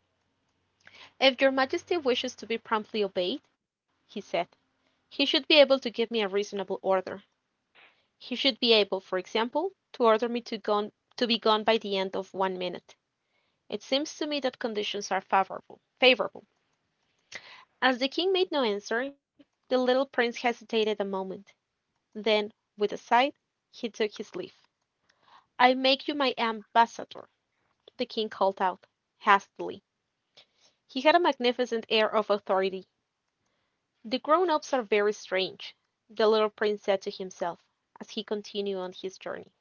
Speaker 1: "If your Majesty wishes to be promptly obeyed," he said, "he should be able to give me a reasonable order. He should be able, for example, to order me to gone, to be gone by the end of 1 minute. It seems to me that conditions are favorable." "Favorable!" As the king made no answer, the little prince hesitated a moment, then, with a sigh, he took his leave. "I make you my ambassador," the king called out, hastily. He had a magnificent air of authority. "The grown ups are very strange," the little prince said to himself, as he continued on his journey.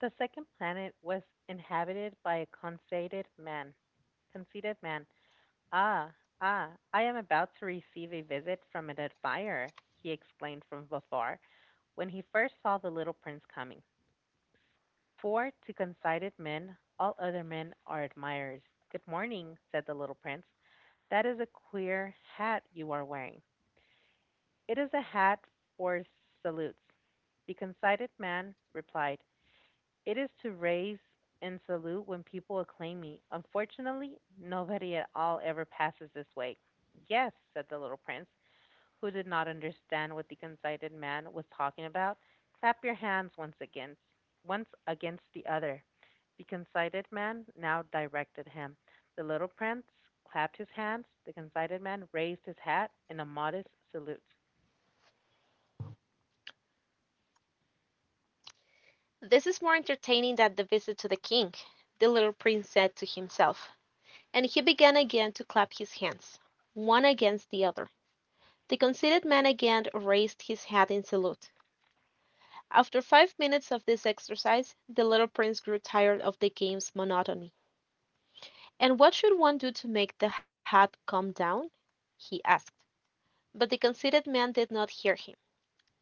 Speaker 2: The second planet was inhabited by a conceited man. "Conceited man Ah, ah, I am about to receive a visit from an admirer," he exclaimed from afar, when he first saw the little prince coming. For to conceited men, all other men are admirers. "Good morning," said the little prince. "That is a queer hat you are wearing." "It is a hat for salutes," the conceited man replied. "It is to raise and salute when people acclaim me. Unfortunately, nobody at all ever passes this way." "Yes," said the little prince, who did not understand what the excited man was talking about. "Clap your hands once against the other," the excited man now directed him. The little prince clapped his hands, the excited man raised his hat in a modest salute.
Speaker 1: "This is more entertaining than the visit to the king," the little prince said to himself, and he began again to clap his hands, one against the other. The conceited man again raised his hat in salute. After 5 minutes of this exercise the little Prince grew tired of the game's monotony. "And what should one do to make the hat come down?" he asked. But the conceited man did not hear him.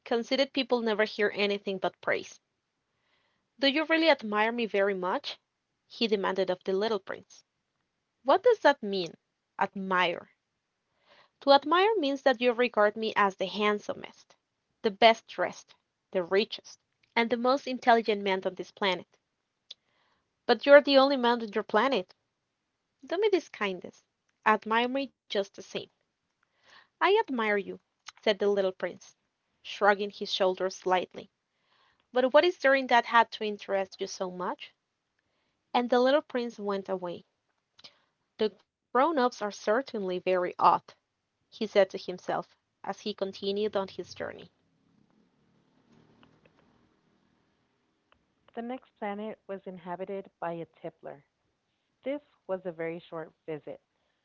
Speaker 1: Conceited people never hear anything but praise. "Do you really admire me very much?" he demanded of the little Prince. "What does that mean? Admire. To admire means that you regard me as the handsomest, the best dressed, the richest, and the most intelligent man on this planet. But you're the only man on your planet. Do me this kindness, admire me just the same." "I admire you," said the little prince, shrugging his shoulders slightly, "but what is there in that hat to interest you so much?" And the little prince went away. "The grown ups are certainly very odd," he said to himself, as he continued on his journey.
Speaker 2: The next planet was inhabited by a tippler. This was a very short visit,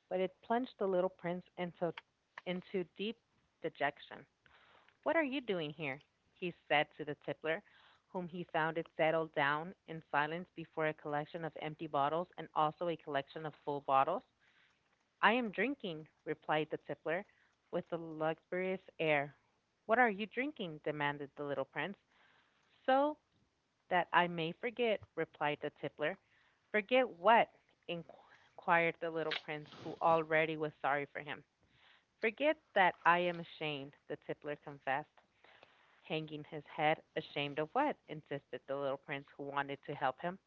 Speaker 2: but it plunged the little prince into deep dejection. "What are you doing here?" he said to the tippler, whom he found had settled down in silence before a collection of empty bottles and also a collection of full bottles. "I am drinking," replied the tippler, with a luxurious air. "What are you drinking?" demanded the little prince. "So! That I may forget," replied the tippler. "Forget what?" inquired the little prince, who already was sorry for him. "Forget that I am ashamed," the tippler confessed, hanging his head. "Ashamed of what?" insisted the little prince, who wanted to help him.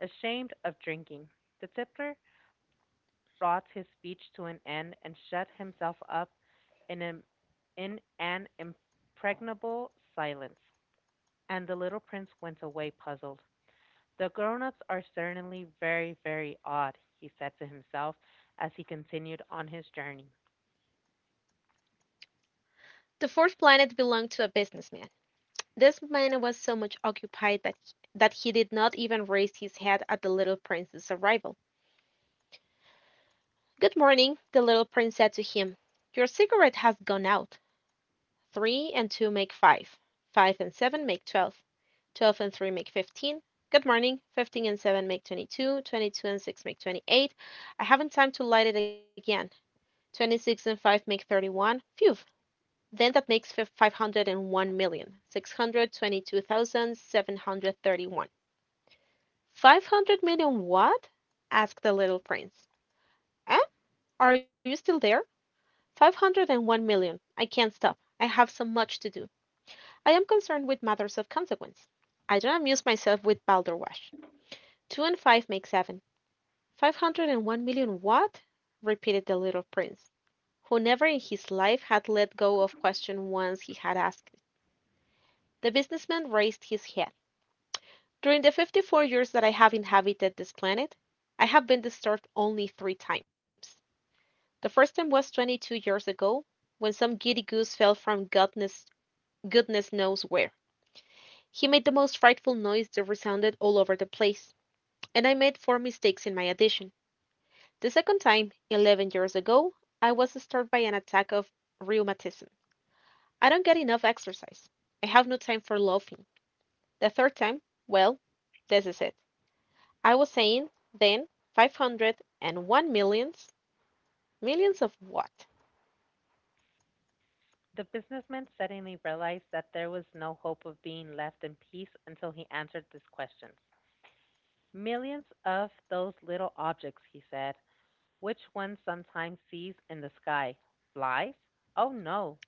Speaker 2: "Ashamed of drinking." The tippler brought his speech to an end and shut himself up in, a, in an impregnable silence, and the little prince went away puzzled. "The grown-ups are certainly very, very odd," he said to himself as he continued on his journey.
Speaker 1: The fourth planet belonged to a businessman. This man was so much occupied that he did not even raise his head at the little prince's arrival. "Good morning," the little prince said to him. "Your cigarette has gone out. Three and two make five. Five and seven make 12. 12 and three make 15. Good morning. 15 and seven make 22. 22 and six make 28. I haven't time to light it again. 26 and five make 31. Phew! Then that makes 501,622,731. 500 million six hundred 20-two thousand seven hundred 30-one. 500 million what?" asked the little prince. "Eh? Are you still there? 501 million. I can't stop. I have so much to do. I am concerned with matters of consequence. I don't amuse myself with balderwash. Two and five make seven. 501 million what?" repeated the little prince, who never in his life had let go of question once he had asked it. The businessman raised his head. "During the 54 years that I have inhabited this planet, I have been disturbed only three times. The first time was 22 years ago when some giddy goose fell from goodness knows where. He made the most frightful noise that resounded all over the place, and I made four mistakes in my addition. The second time, 11 years ago, I was disturbed by an attack of rheumatism. I don't get enough exercise. I have no time for loafing. The third time, well, this is it. I was saying then, 501 millions. Millions of what?"
Speaker 2: The businessman suddenly realized that there was no hope of being left in peace until he answered these questions. "Millions of those little objects," he said, "which one sometimes sees in the sky." "Flies?" "Oh no."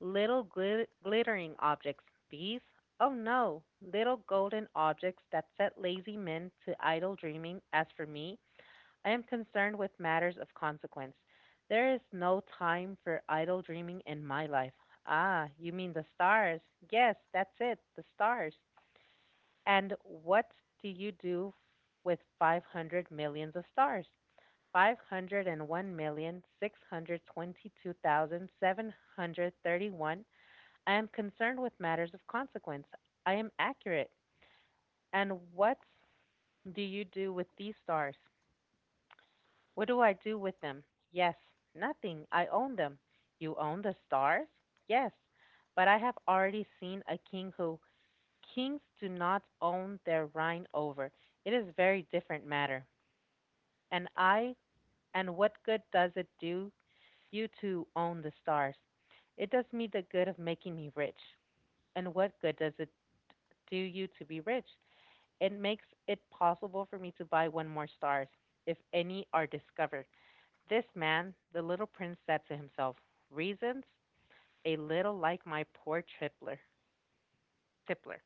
Speaker 2: "Little glittering objects." "Bees?" "Oh no. Little golden objects that set lazy men to idle dreaming. As for me, I am concerned with matters of consequence. There is no time for idle dreaming in my life." "Ah, you mean the stars?" "Yes, that's it, the stars." "And what do you do with 500 millions of stars?" "501,622,731. I am concerned with matters of consequence. I am accurate." "And what do you do with these stars?" "What do I do with them?" "Yes." "Nothing. I own them." "You own the stars?" "Yes, but I have already seen a king who kings do not own their rhine over. It is very different matter." "And I and what good does it do you to own the stars?" "It does me the good of making me rich." "And what good does it do you to be rich?" "It makes it possible for me to buy one more stars if any are discovered." "This man," the little prince said to himself, "reasons a little like my poor tippler.